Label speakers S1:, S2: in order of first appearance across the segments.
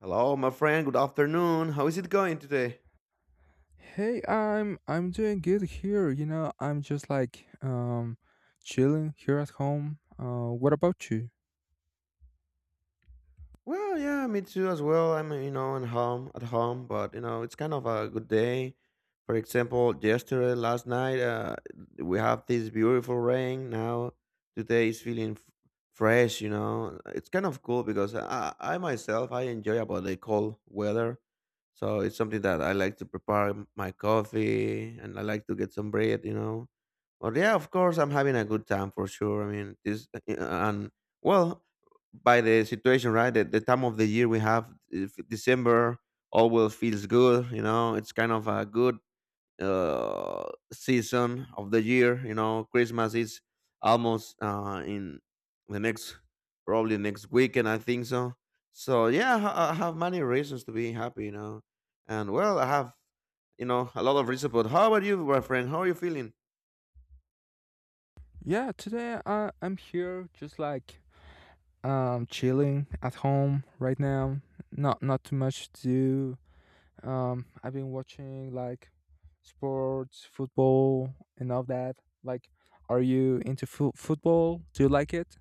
S1: Hello, my friend. Good afternoon. How is it going today?
S2: Hey, I'm doing good here. I'm just like chilling here at home. What about you?
S1: Well, yeah, me too as well. I'm, you know, at home, but you know, it's kind of a good day. For example, yesterday, last night, we have this beautiful rain. Now, today is feeling fresh. You know, it's kind of cool because I myself I enjoy about the cold weather. So it's something that I like to prepare my coffee and I like to get some bread, you know. But yeah, of course, I'm having a good time for sure. I mean, this and well, by the situation, right? The time of the year we have, if December, all will feels good. You know, it's kind of a good uh, season of the year. You know, Christmas is almost in the next, probably next weekend. I think so. So yeah, I have many reasons to be happy. You know, and well, I have you know a lot of reasons. But how about you, my friend? How are you feeling?
S2: Yeah, today I'm here just like chilling at home right now. Not too much to do. I've been watching like sports, football, and all that. Like, are you into football? Do you like it?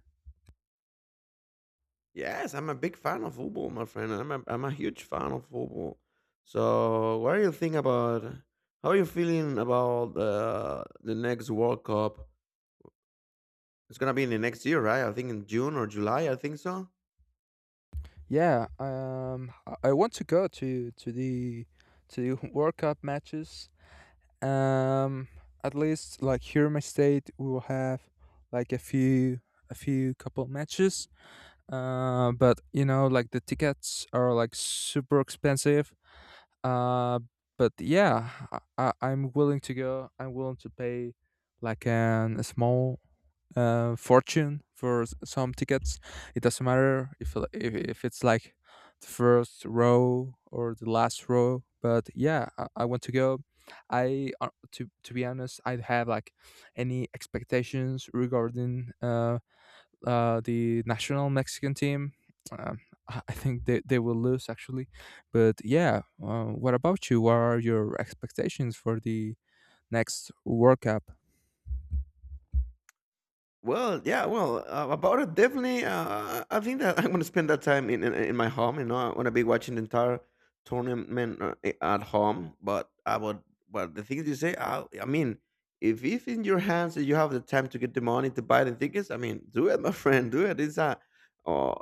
S1: Yes, I'm a big fan of football, my friend. I'm a huge fan of football. So what do you think about? How are you feeling about the next World Cup? It's gonna be in the next year, right? I think in June or July. I think so.
S2: Yeah. Um, I want to go to the World Cup matches. um at least like here in my state we will have like a few couple matches. But like the tickets are like super expensive. uh but yeah, I'm willing to go. I'm willing to pay like an a small fortune for some tickets. It doesn't matter if it's like the first row or the last row. But yeah, I want to go. I to be honest, I don't have like any expectations regarding the national Mexican team. Um, I think they will lose actually, but yeah. What about you? What are your expectations for the next World Cup?
S1: Well, yeah, well, about it, definitely. I think that I'm gonna spend that time in my home. You know, I'm gonna be watching the entire tournament at home. But I would, but the things you say, I mean, if in your hands and you have the time to get the money to buy the tickets, I mean, do it, my friend, do it. It's a uh,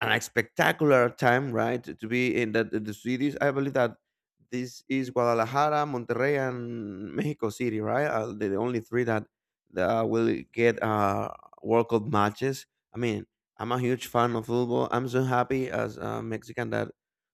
S1: an spectacular time, right? To be in the cities. I believe that this is Guadalajara, Monterrey, and Mexico City, right? The the only three that will get World Cup matches. I mean, I'm a huge fan of football. I'm so happy as a Mexican that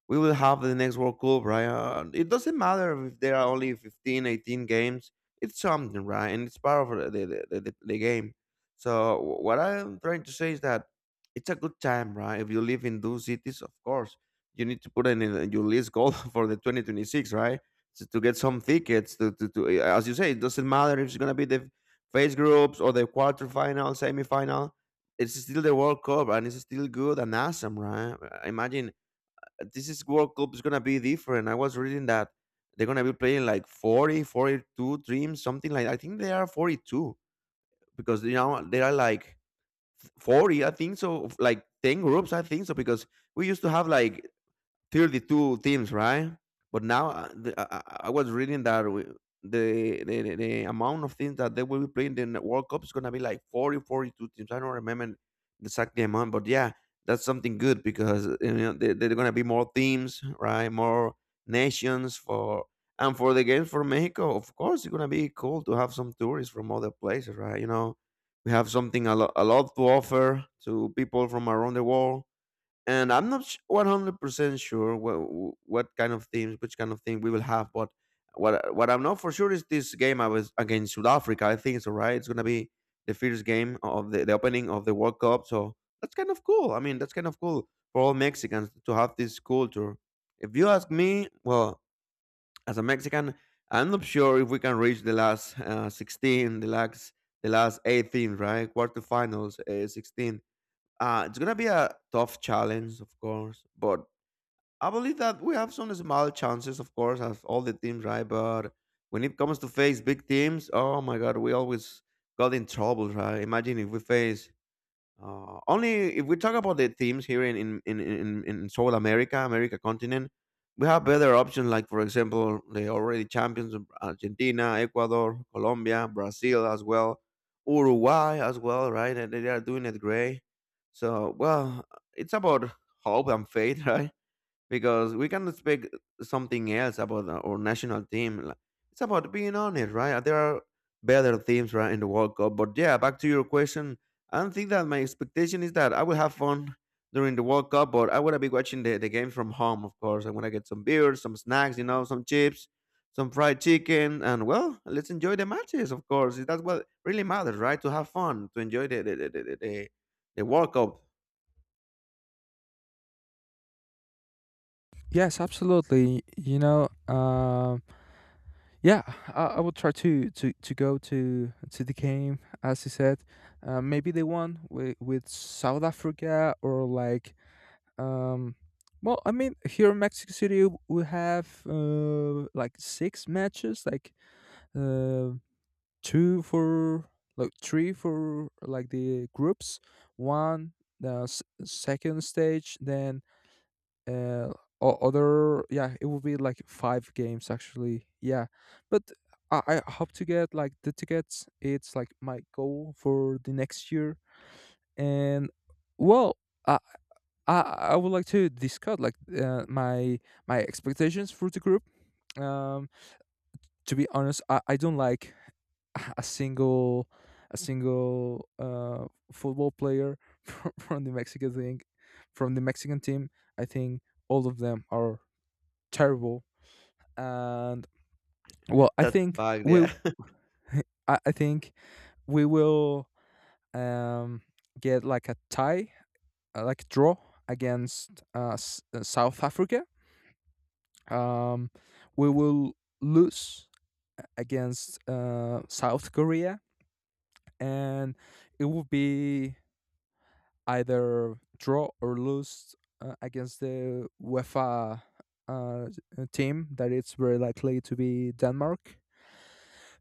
S1: we will have the next World Cup, right? It doesn't matter if there are only 15, 18 games. It's something, right? And it's part of the game. So what I'm trying to say is that it's a good time, right? If you live in those cities, of course, you need to put in your list goal for the 2026, right? To get some tickets, as you say, it doesn't matter if it's going to be the phase groups or the quarterfinal, semifinal. It's still the World Cup and it's still good and awesome, right? I imagine this is World Cup is gonna be different. I was reading that they're gonna be playing like 40, 42 teams, something like I think they are 42 because you know there are like 40, I think so, of, like 10 groups, I think so, because we used to have like 32 teams, right? But now the, I was reading that we, the amount of teams that they will be playing in the World Cup is going to be like 40, 42 teams. I don't remember the exact amount, but yeah, that's something good because you know they there are going to be more teams, right? More nations for and for the games for Mexico. Of course, it's going to be cool to have some tourists from other places, right? You know, we have something a lot to offer to people from around the world and I'm not 100% sure what kind of teams, which kind of thing we will have. But what I'm not for sure is this game I was against South Africa. I think it's all right. It's gonna be the first game of the opening of the World Cup. So that's kind of cool. I mean, that's kind of cool for all Mexicans to have this culture. If you ask me, well, as a Mexican, I'm not sure if we can reach the last 16, the last 18, right? Quarterfinals, 16, it's gonna be a tough challenge, of course, but I believe that we have some small chances, of course, as all the teams, right? But when it comes to face big teams, oh my God, we always got in trouble, right? Imagine if we face only if we talk about the themes here in South America, America continent, we have better options. Like for example, the already champions of Argentina, Ecuador, Colombia, Brazil as well, Uruguay as well, right? And they are doing it great. So well, it's about hope and faith, right? Because we cannot speak something else about our national team. Like, it's about being honest, right? There are better teams, right, in the World Cup. But yeah, back to your question, I don't think that my expectation is that I will have fun during the World Cup, but I want to be watching the games from home, of course. I want to get some beers, some snacks, you know, some chips, some fried chicken, and well, let's enjoy the matches, of course. That's what really matters, right? To have fun, to enjoy the World Cup.
S2: Yes, absolutely. Uh, Yeah, I would try to go to the game, as you said. Maybe the one with South Africa, or like, um, well, I mean, here in Mexico City, we have like six matches, like uh, two for, like three for like the groups, one the second stage, then uh other. Yeah, it would be like five games actually. Yeah, but I hope to get like the tickets. It's like my goal for the next year. And well, i i, I would like to discuss like my expectations for the group. um to be honest, I don't like a single a single football player from the mexican thing from the Mexican team. I think all of them are terrible. And well,
S1: That's a fact, yeah.
S2: I think we will um, get like a tie, like a draw against South Africa. Um, we will lose against South Korea, and it will be either draw or lose against the UEFA uh, team that it's very likely to be Denmark.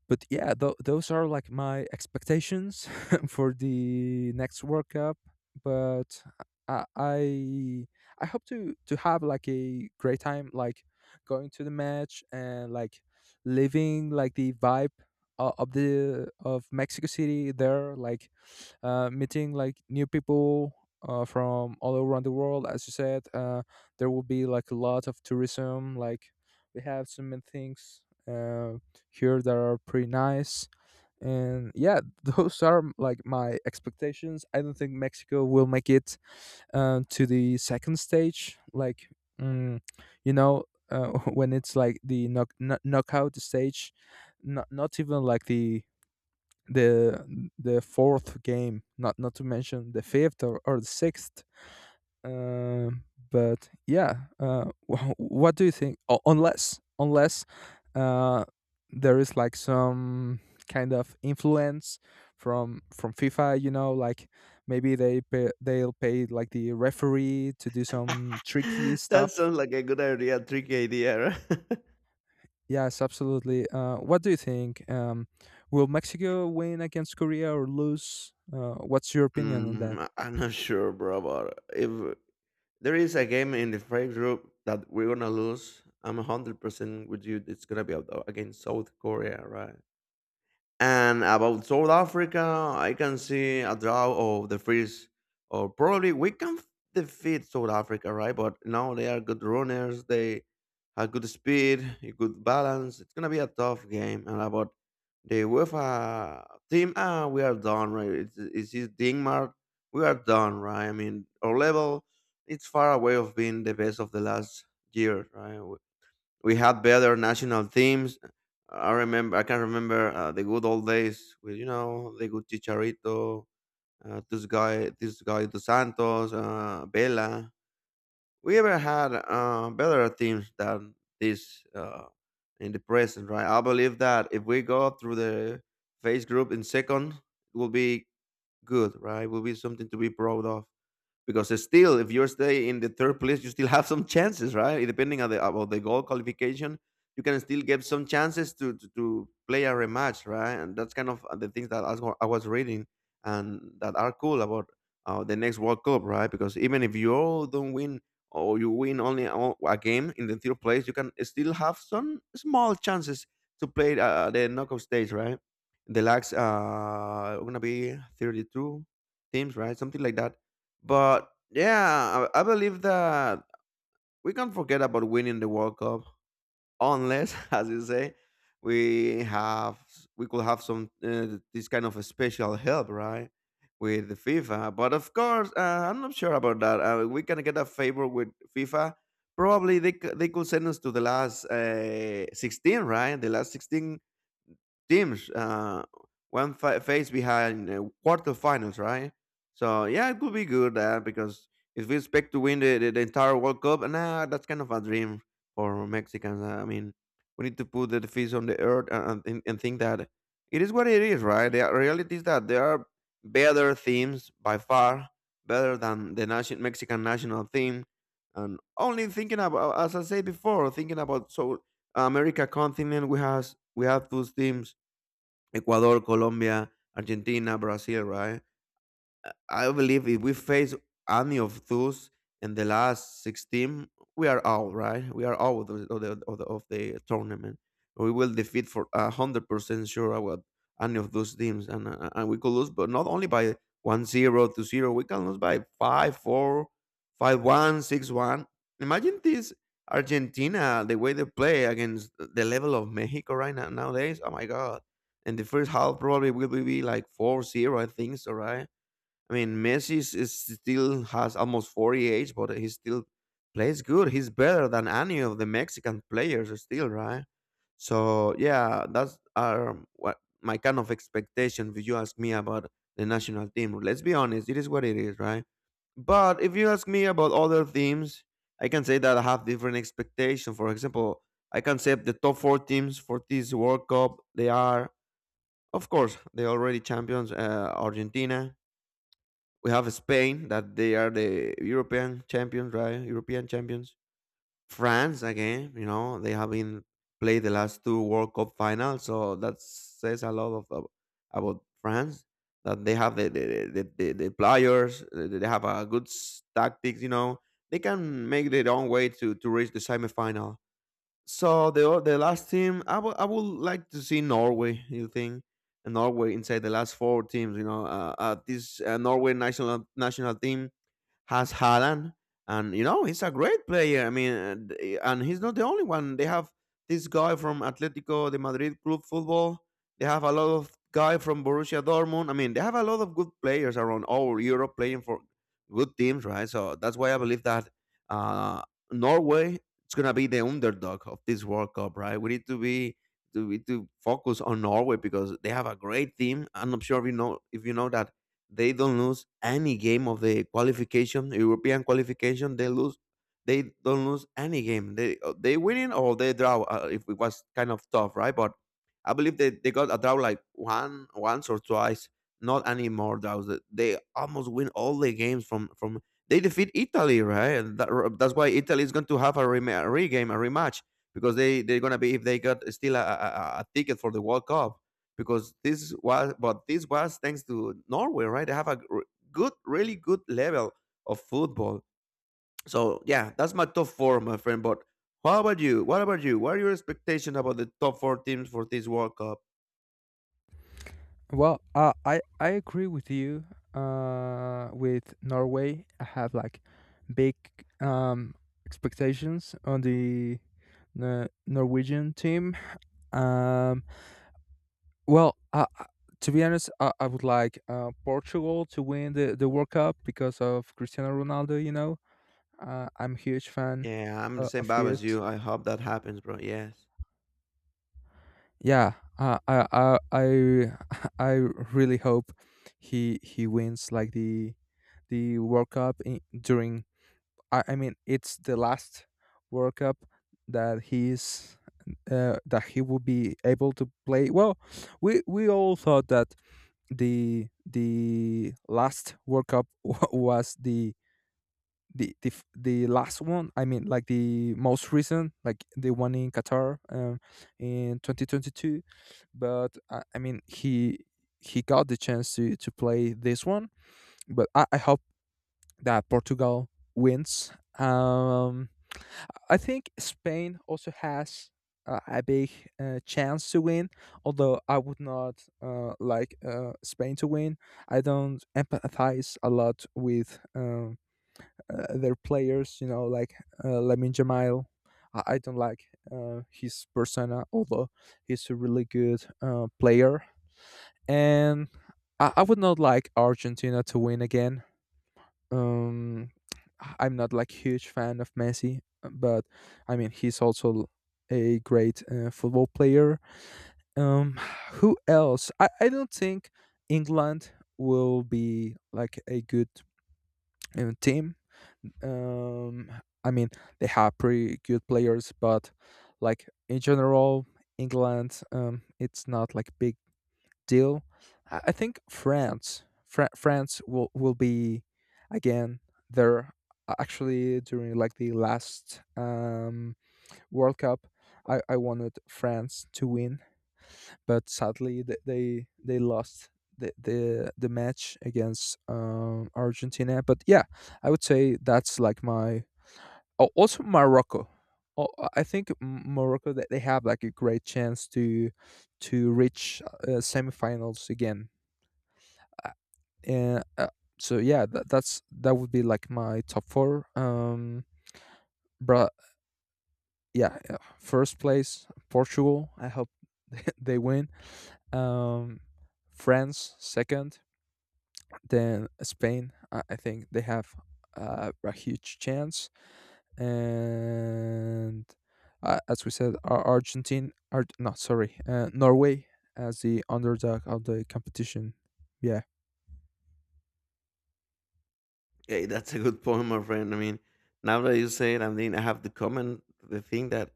S2: But yeah, those are like my expectations for the next World Cup. But I I I hope to have like a great time, like going to the match and like living like the vibe o- of the of Mexico City there, like meeting like new people from all around the world. As you said, there will be like a lot of tourism. Like we have so many things here that are pretty nice. And yeah, those are like my expectations. I don't think Mexico will make it to the second stage. Like, mm, you know, uh, when it's like the knockout stage, not even like the fourth game, not to mention the fifth or the sixth. Um, but yeah, what do you think? Unless uh, there is like some kind of influence from FIFA, like maybe they'll pay like the referee to do some tricky
S1: That
S2: stuff.
S1: sounds like a good idea, tricky idea, right?
S2: Yes, absolutely. What do you think? Will Mexico win against Korea or lose? What's your opinion on
S1: Mm,
S2: that?
S1: I'm not sure, bro, but if there is a game in the fight group that we're gonna lose, I'm 100% with you. It's gonna be against South Korea, right? And about South Africa, I can see a draw of the first, or probably we can defeat South Africa, right? But now they are good runners. They have good speed, a good balance. It's gonna be a tough game. And about the UEFA team, ah, we are done, right? It's Denmark. We are done, right? I mean, our level, it's far away of being the best of the last year, right? We had better national teams. I remember, I can remember the good old days with you know the good Chicharito, this guy Dos Santos, Vela. We ever had better teams than this in the present, right? I believe that if we go through the phase group in second, it will be good, right? It will be something to be proud of because it's still if you stay in the third place you still have some chances, right, depending on the about the goal qualification. You can still get some chances to play a rematch, right, and that's kind of the things that I was reading and that are cool about the next World Cup, right? Because even if you all don't win or you win only a game in the third place you can still have some small chances to play the knockout stage, right. The lags are gonna be 32 teams, right, something like that. But yeah, I believe that we can't forget about winning the World Cup unless, as you say, we have we could have some this kind of a special help, right, with the FIFA. But of course, I'm not sure about that. We can get a favor with FIFA. Probably they could send us to the last 16, right? The last 16 teams one phase behind quarterfinals, right? So yeah, it could be good because if we expect to win the entire World Cup, nah, that's kind of a dream for Mexicans. I mean, we need to put the feet on the earth and think that it is what it is, right? The reality is that there are better themes by far, better than the nation, Mexican national theme. And only thinking about, as I said before, thinking about so America continent, we have those themes Ecuador, Colombia, Argentina, Brasil, right? I believe if we face any of those in the last 16, we are out, right? We are out of the, of the, of the, of the tournament. We will defeat for a 100% sure about any of those teams. And we could lose, but not only by 1-0 to 0, we can lose by 5-4, 5-1, 6-1. Imagine this Argentina, the way they play against the level of Mexico right now nowadays. Oh my God. And the first half probably will be like 4-0 0, I think so, right? I mean, Messi is still has almost 48, but he still plays good. He's better than any of the Mexican players still, right? So yeah, that's are what my kind of expectation if you ask me about the national team. Let's be honest, it is what it is, right? But if you ask me about other teams, I can say that I have different expectation. For example, I can say the top four teams for this World Cup, they are, of course, the already champions, Argentina, we have Spain that they are the European champions, right? European champions. France again, you know, they have been played the last two World Cup finals, so that says a lot about France that they have the players, they have a good tactics, you know. They can make their own way to reach the semifinal. So the last team, I would like to see Norway. You think and Norway inside the last four teams? You know, this Norway national team has Haaland, and you know he's a great player. I mean, and he's not the only one. They have this guy from Atletico de Madrid Club Football. They have a lot of guy from Borussia Dortmund. I mean, they have a lot of good players around all Europe playing for good teams, right? So that's why I believe that uh, Norway is gonna be the underdog of this World Cup, right? We need to focus on Norway because they have a great team. I'm not sure if you know that they don't lose any game of the qualification, European qualification. They lose. They don't lose any game. They winning or they draw. If it was kind of tough, right? But I believe they got a draw like one once or twice. Not any more draws. They almost win all the games from. They defeat Italy, right? And that's why Italy is going to have a regame, a rematch because they're gonna be if they got still a ticket for the World Cup because this was thanks to Norway, right? They have good, really good level of football. So yeah, that's my top four, my friend. But how about you? What about you? What are your expectations about the top four teams for this World Cup?
S2: Well, I agree with you. With Norway, I have like big um expectations on the Norwegian team. Um, well, to be honest, I would like Portugal to win the World Cup because of Cristiano Ronaldo. I'm a huge fan
S1: Yeah, I'm the same
S2: of
S1: vibe
S2: his.
S1: as you. I hope that happens, bro. Yes.
S2: Yeah, I I really hope he wins like the World Cup in, during. I mean, it's the last World Cup that he's that he will be able to play. Well, we all thought that the last World Cup was the last one. I mean, like the most recent, like the one in Qatar, in 2022. But I mean, he got the chance to play this one. But I hope that Portugal wins. um I think Spain also has a big chance to win, although I would not like Spain to win. I don't empathize a lot with um their players. You know, like Lamin Jamal. I don't like his persona, although he's a really good player. And I would not like Argentina to win again. Um, I'm not like huge fan of Messi, but I mean he's also a great football player. Um, who else? I don't think England will be like a good team. um, I mean, they have pretty good players, but like in general, England, it's not like big deal. I think France will be again there. Actually, during like the last World Cup, I wanted France to win, but sadly they lost. The match against Argentina, but yeah, I would say that's like my... Oh, also Morocco. Oh, I think Morocco that they have like a great chance to reach semifinals again. Uh, and, uh, so yeah, that would be like my top four. But yeah, yeah, first place Portugal. I hope they win. Um, France second, then Spain. I think they have a huge chance. And as we said, no, sorry, Norway as the underdog of the competition. Yeah.
S1: Hey, that's a good point, my friend. I mean, now that you say it, I mean, I have to comment the thing that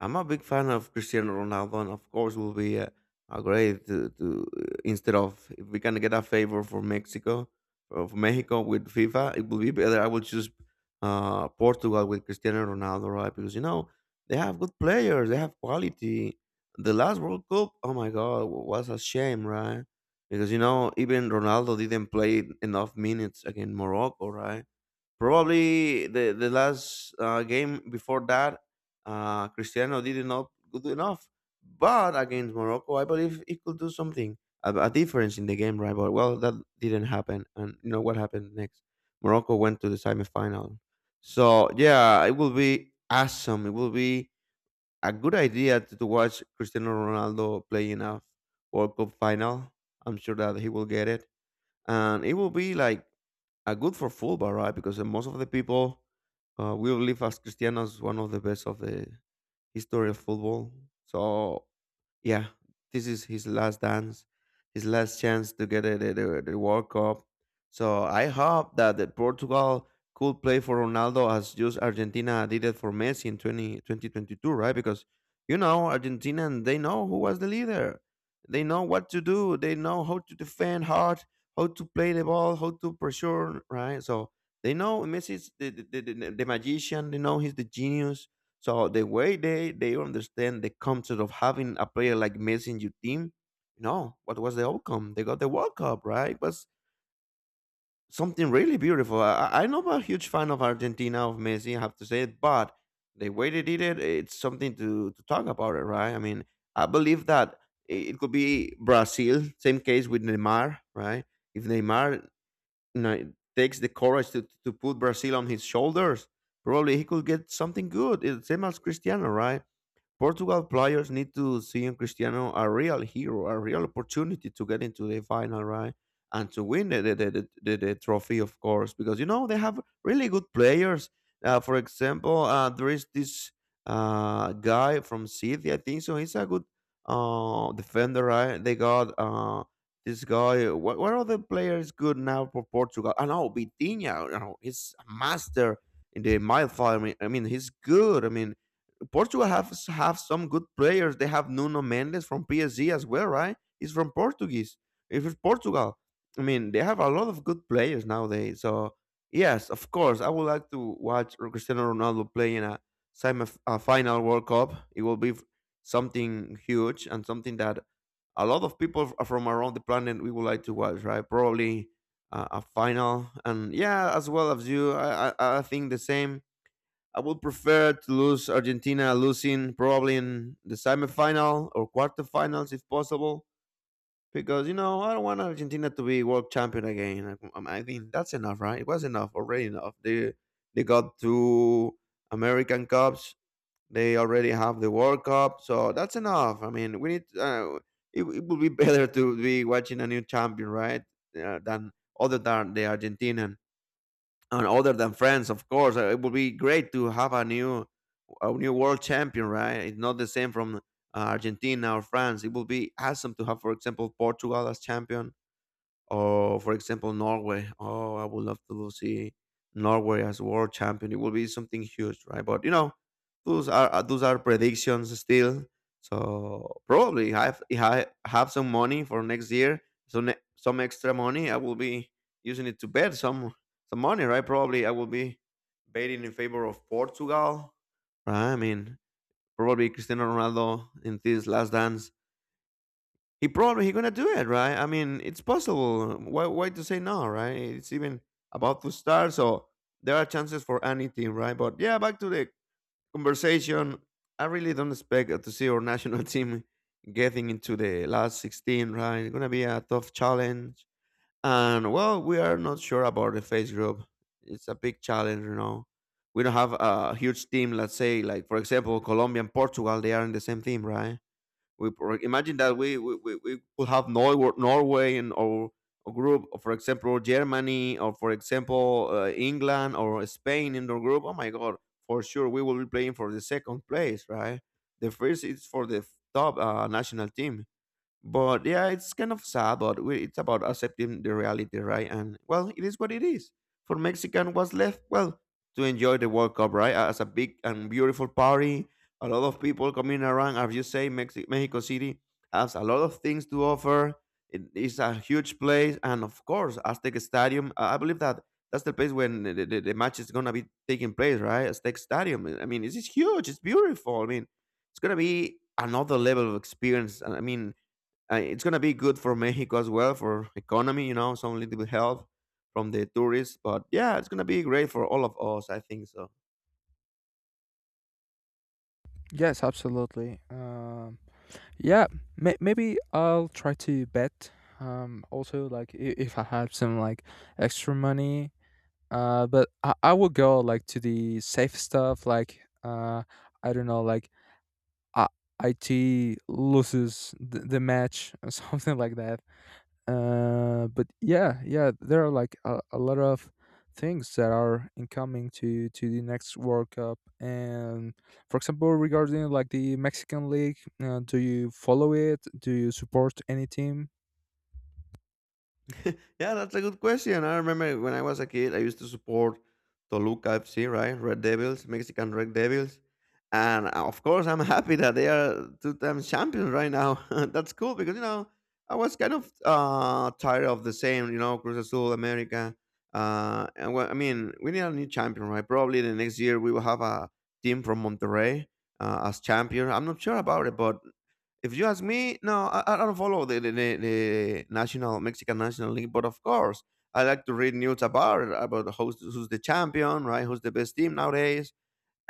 S1: I'm a big fan of Cristiano Ronaldo, and of course, will be a great to instead of if we can get a favor for Mexico of Mexico with FIFA, it will be better. I will choose Portugal with Cristiano Ronaldo, right? Because you know they have good players, they have quality. The last World Cup, oh my God, was a shame, right? Because you know, even Ronaldo didn't play enough minutes against Morocco, right? Probably the last game before that, Cristiano did not good enough. But against Morocco, I believe he could do something, a difference in the game, right? But well, that didn't happen, and you know what happened next? Morocco went to the semifinal. So yeah, it will be awesome. It will be a good idea to watch Cristiano Ronaldo play in a World Cup final. I'm sure that he will get it, and it will be like a good for football, right? Because most of the people will live as Cristiano as one of the best of the history of football. So yeah, this is his last dance, his last chance to get the World Cup. So I hope that the Portugal could play for Ronaldo as just Argentina did it for Messi in 20 2022, right? Because, you know, Argentina, and they know who was the leader. They know what to do. They know how to defend hard, how to play the ball, how to pressure, right? So they know Messi's the magician. They know he's the genius so the way they understand the concept of having a player like Messi in your team, you know, what was the outcome? They got the World Cup, right? It was something really beautiful. I'm not a huge fan of Argentina of Messi, I have to say it, but the way they did it, it's something to talk about it, right? I mean, I believe that it could be Brazil, same case with Neymar, right? If Neymar you know, takes the courage to put Brazil on his shoulders, probably he could get something good. It's same as Cristiano, right? Portugal players need to see in Cristiano a real hero, a real opportunity to get into the final, right? And to win the trophy, of course, because you know they have really good players. For example, there is this guy from City, I think so. He's a good defender, right? They got this guy. What other player is good now for Portugal? I know Vitinha. You know, he's a master in the midfield. I mean, he's good. I mean, Portugal have some good players. They have Nuno Mendes from PSG as well, right? He's from Portuguese. If it's Portugal, I mean, they have a lot of good players nowadays. So yes, of course, I would like to watch Cristiano Ronaldo play in a semi a final World Cup. It will be something huge and something that a lot of people from around the planet we would like to watch, right? Probably a final, and yeah, as well as you, I think the same. I would prefer to lose Argentina losing probably in the semifinal or quarterfinals if possible. Because you know I don't want Argentina to be world champion again. Think that's enough, right? It was enough already. Enough. They got two American cups. They already have the World Cup, so that's enough. I mean, we need. It it would be better to be watching a new champion, right? Than other than the Argentinian and other than France, of course, it would be great to have a new world champion, right? It's not the same from Argentina or France. It would be awesome to have, for example, Portugal as champion or for example Norway. Oh, I would love to see Norway as world champion. It will be something huge, right? But you know, those are predictions still. So probably have if I have some money for next year, so some extra money, I will be using it to bet some money, right? Probably I will be betting in favor of Portugal. Right? I mean, probably Cristiano Ronaldo in this last dance he probably he gonna do it, right? I mean, it's possible. Why to say no, right? It's even about to start, so there are chances for anything, right? But yeah, back to the conversation. I really don't expect to see our national team getting into the last 16, right? It's gonna be a tough challenge, and well, we are not sure about the face group. It's a big challenge, you know. We don't have a huge team. Let's say, like for example, Colombia and Portugal. They are in the same team, right? Imagine that we could have Norway in our group, or for example Germany, or for example England or Spain in the group. Oh my God, for sure we will be playing for the second place, right? The first is for the top national team. But yeah, it's kind of sad, but we, it's about accepting the reality, right? And well, it is what it is. For Mexican, what's left? Well, to enjoy the World Cup, right? As a big and beautiful party, a lot of people coming around. As you say, Mexico City has a lot of things to offer. It is a huge place, and of course, Aztec Stadium. I believe that that's the place when the match is gonna be taking place, right? Aztec Stadium. I mean, it's huge. It's beautiful. I mean, it's gonna be another level of experience. And I mean it's gonna be good for Mexico as well for economy. You know, some little bit help from the tourists, but yeah, it's gonna be great for all of us. I think so.
S2: Yes, absolutely. Yeah, maybe I'll try to bet. Also, like if I have some like extra money, but I would go like to the safe stuff, like I don't know, like I- IT loses the match or something like that. But yeah, yeah, there are like a lot of things that are incoming to the next World Cup. And for example, regarding like the Mexican League, do you follow it? Do you support any team?
S1: yeah, that's a good question. I remember when I was a kid, I used to support Toluca FC, right? Red Devils, Mexican Red Devils. And Of course, I'm happy that they are two times champions right now. That's cool because, I was kind of tired of the same, Cruz Azul, America. And well, I mean, We need a new champion, right? Probably the next year we will have a team from Monterrey as champion. I'm not sure about it, but if you ask me, no, I don't follow the national Mexican national league, but of course, I like to read news about it, about who's the champion, right? Who's the best team nowadays?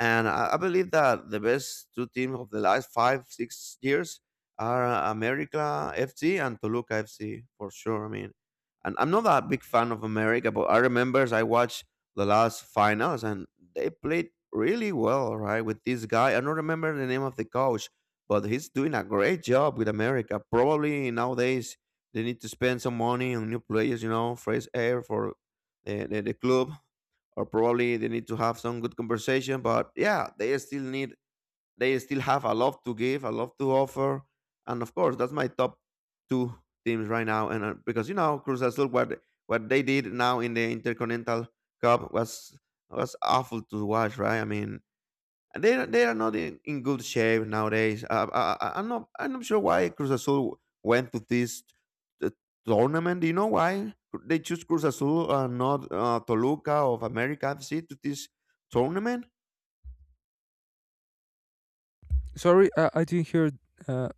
S1: And I believe that the best two teams of the last five, 6 years are America FC and Toluca FC for sure. I mean, and I'm not that big fan of America, but I remember I watched the last finals and they played really well, right? With this guy, I don't remember the name of the coach, but he's doing a great job with America. Probably nowadays they need to spend some money on new players, fresh air for the club, or probably they need to have some good conversation. But yeah, they still have a lot to give, a lot to offer, and of course that's my top two teams right now. And Because you know Cruz Azul, what they did now in the Intercontinental Cup was awful to watch, right? I mean, they are not in, in good shape nowadays. I'm not sure why Cruz Azul went to this uh, tournament. Do you know why they choose Cruz Azul and not Toluca of America FC to this tournament?
S2: Sorry, I didn't hear uh,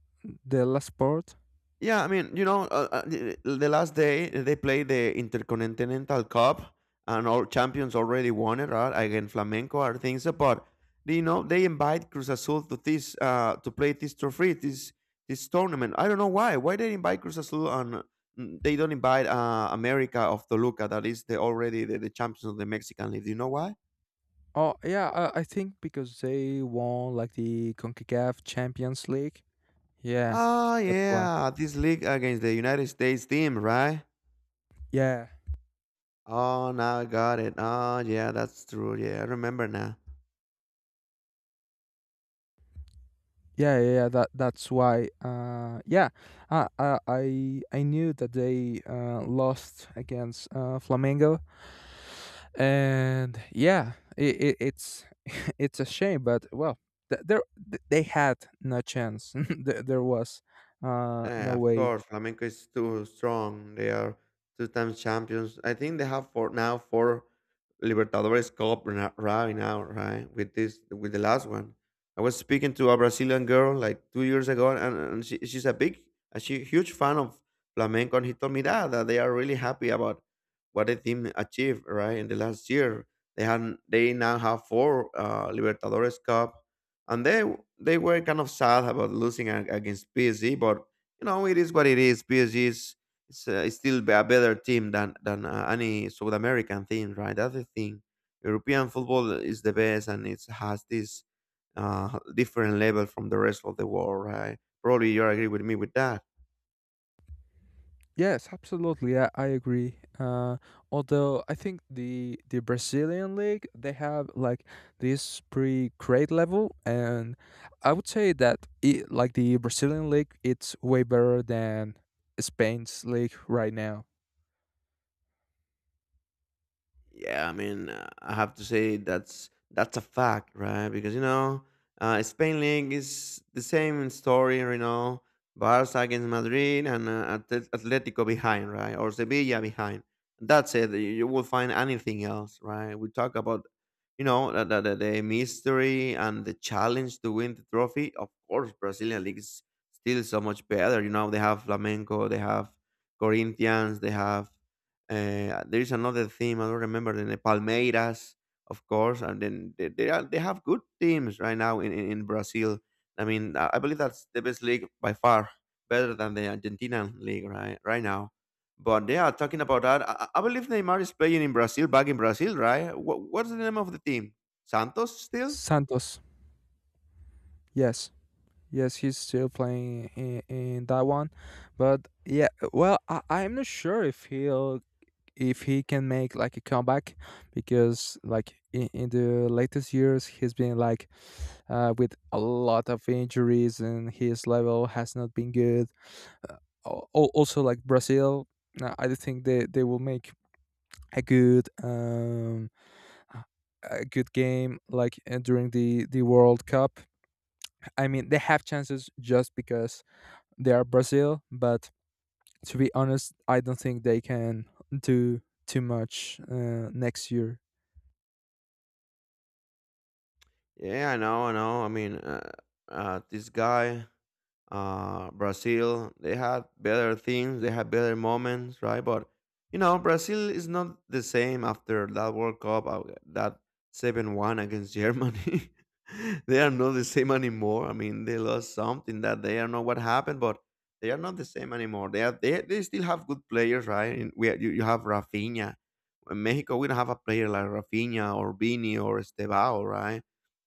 S2: the last part.
S1: Yeah, I mean, the last day they played the Intercontinental Cup, and all champions already won it, right? Against Flamenco, or things. But you know, they invite Cruz Azul to this to play this trophy, this tournament. I don't know why. Why they invite Cruz Azul and they don't invite America of Toluca, that is the already the champions of the Mexican League. Do you know why?
S2: Oh yeah, I think because they won like the Concacaf Champions League. Yeah,
S1: Ah,
S2: that's why.
S1: yeah, this league against the United States team, right?
S2: Yeah.
S1: Oh, now I got it. Oh, yeah, that's true. Yeah, I remember now.
S2: Yeah, yeah, yeah. That's why. Yeah, I knew that they lost against Flamengo, and yeah, it's it's a shame. But well, th- there they had no chance. There was no
S1: Yeah, of
S2: way.
S1: course, Flamenco is too strong. They are two times champions. I think they have four, now four Libertadores Cup right now, right? With this, with the last one. I was speaking to a Brazilian girl like 2 years ago, and, she's a big, a she, huge fan of flamenco, and he told me that they are really happy about what the team achieved, right? In the last year, they now have four Libertadores Cup, and they were kind of sad about against PSG, but you know, it is what it is. PSG is it's still a better team than any South American team, right? That's the thing. European football is the best, and it has this different level from the rest of the world, right? Probably you agree with me with that.
S2: Yes, absolutely. I agree. Although I think the Brazilian league they have like this pre grade level, and I would say that like the Brazilian league, it's way better than Spain's league right now.
S1: Yeah, I mean, I have to say that's a fact, right? Because you know, Spain League is the same story, you know, Barca against Madrid and Atletico behind, right, or Sevilla behind. That's it. You will find anything else, right? We talk about, you know, the mystery and the challenge to win the trophy. Of course, Brazilian league is still so much better. You know, they have Flamengo, they have Corinthians, they have there's another team, I don't remember the name, Palmeiras, of course, and then they have good teams right now in, in Brazil. I mean, I believe that's the best league by far, better than the Argentinian league right now. But they are talking about that. I I believe Neymar is playing in Brazil, back in Brazil, right? What's the name of the team? Santos still?
S2: Santos, yes, yes, he's still playing in that one, but yeah, well, I'm not sure if he can make like a comeback, because like in the latest years he's been like with a lot of injuries and his level has not been good. uh, Also, like Brazil. I do think they will make a good um a good game, like during the World Cup. I mean they have chances just because they are Brazil, but to be honest, I don't think they can do too much next year.
S1: Yeah, I know, I know. I mean, this guy. Brazil. They had better things, they had better moments, right? But you know, Brazil is not the same after that World Cup, that 7-1 against Germany. They are not the same anymore. I mean, they lost something that they don't know what happened, but they are not the same anymore. They are, they still have good players, right? And we you, you have Rafinha. In Mexico, we don't have a player like Rafinha or Vini or Estebao, right?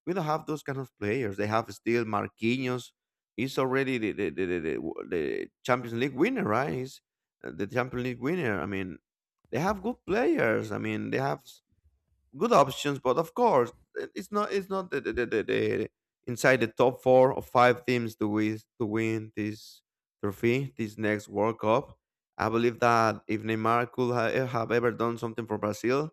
S1: We don't have those kind of players. They have still Marquinhos. He's already the Champions League winner, right? He's the Champions League winner. I mean, they have good players. I mean, good options, but of course, it's not the inside the top 4 or 5 teams to win this trophy, this next World Cup. I believe that if Neymar could have ever done something for Brazil,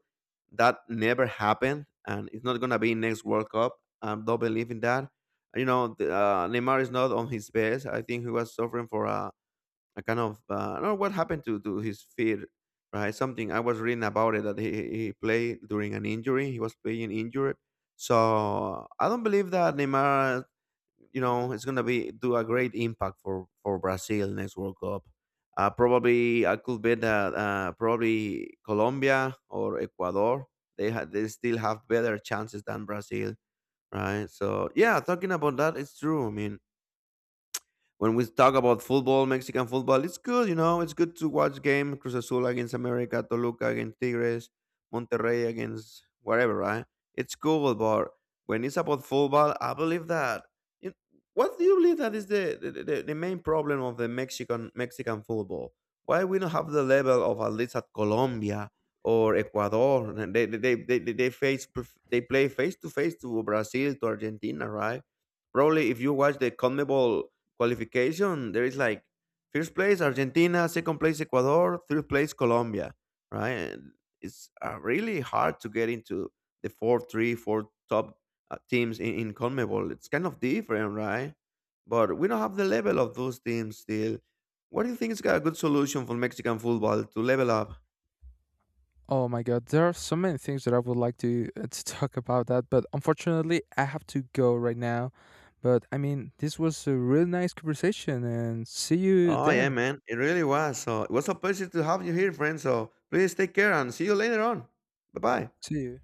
S1: that never happened, and it's not gonna be next World Cup. I don't believe in that. You know, Neymar is not on his best. I think he was suffering for a kind of I don't know what happened to his feet, right? Something I was reading about it, that he played during an injury. He was playing injured, so I don't believe that Neymar, you know, is gonna be do a great impact for Brazil next World Cup. Probably I could bet that probably Colombia or Ecuador, they still have better chances than Brazil, right? So yeah, talking about that, it's true. I mean, when we talk about football, Mexican football, it's good, you know, it's good to watch game Cruz Azul against America, Toluca against Tigres, Monterrey against whatever, right? It's cool, but when it's about football, I believe that. you- What do you believe that is the main problem of the Mexican Mexican football? Why we don't have the level of at least at Colombia or Ecuador? And They they they play face to face to Brazil, to Argentina, right? Probably if you watch the CONMEBOL qualification, there is like 1st place Argentina, 2nd place Ecuador, 3rd place Colombia, right? And it's really hard to get into four top teams in, CONMEBOL. It's kind of different, right? But we don't have the level of those teams still. What do you think is a good solution for Mexican football to level up?
S2: Oh my God, there are so many things that I would like to talk about that, but unfortunately, I have to go right now. But I mean, this was a really nice conversation, and see you
S1: Oh yeah,
S2: then.
S1: man, it really was. So it was a pleasure to have you here, friend. So please take care and see you later on. Bye bye.
S2: See you.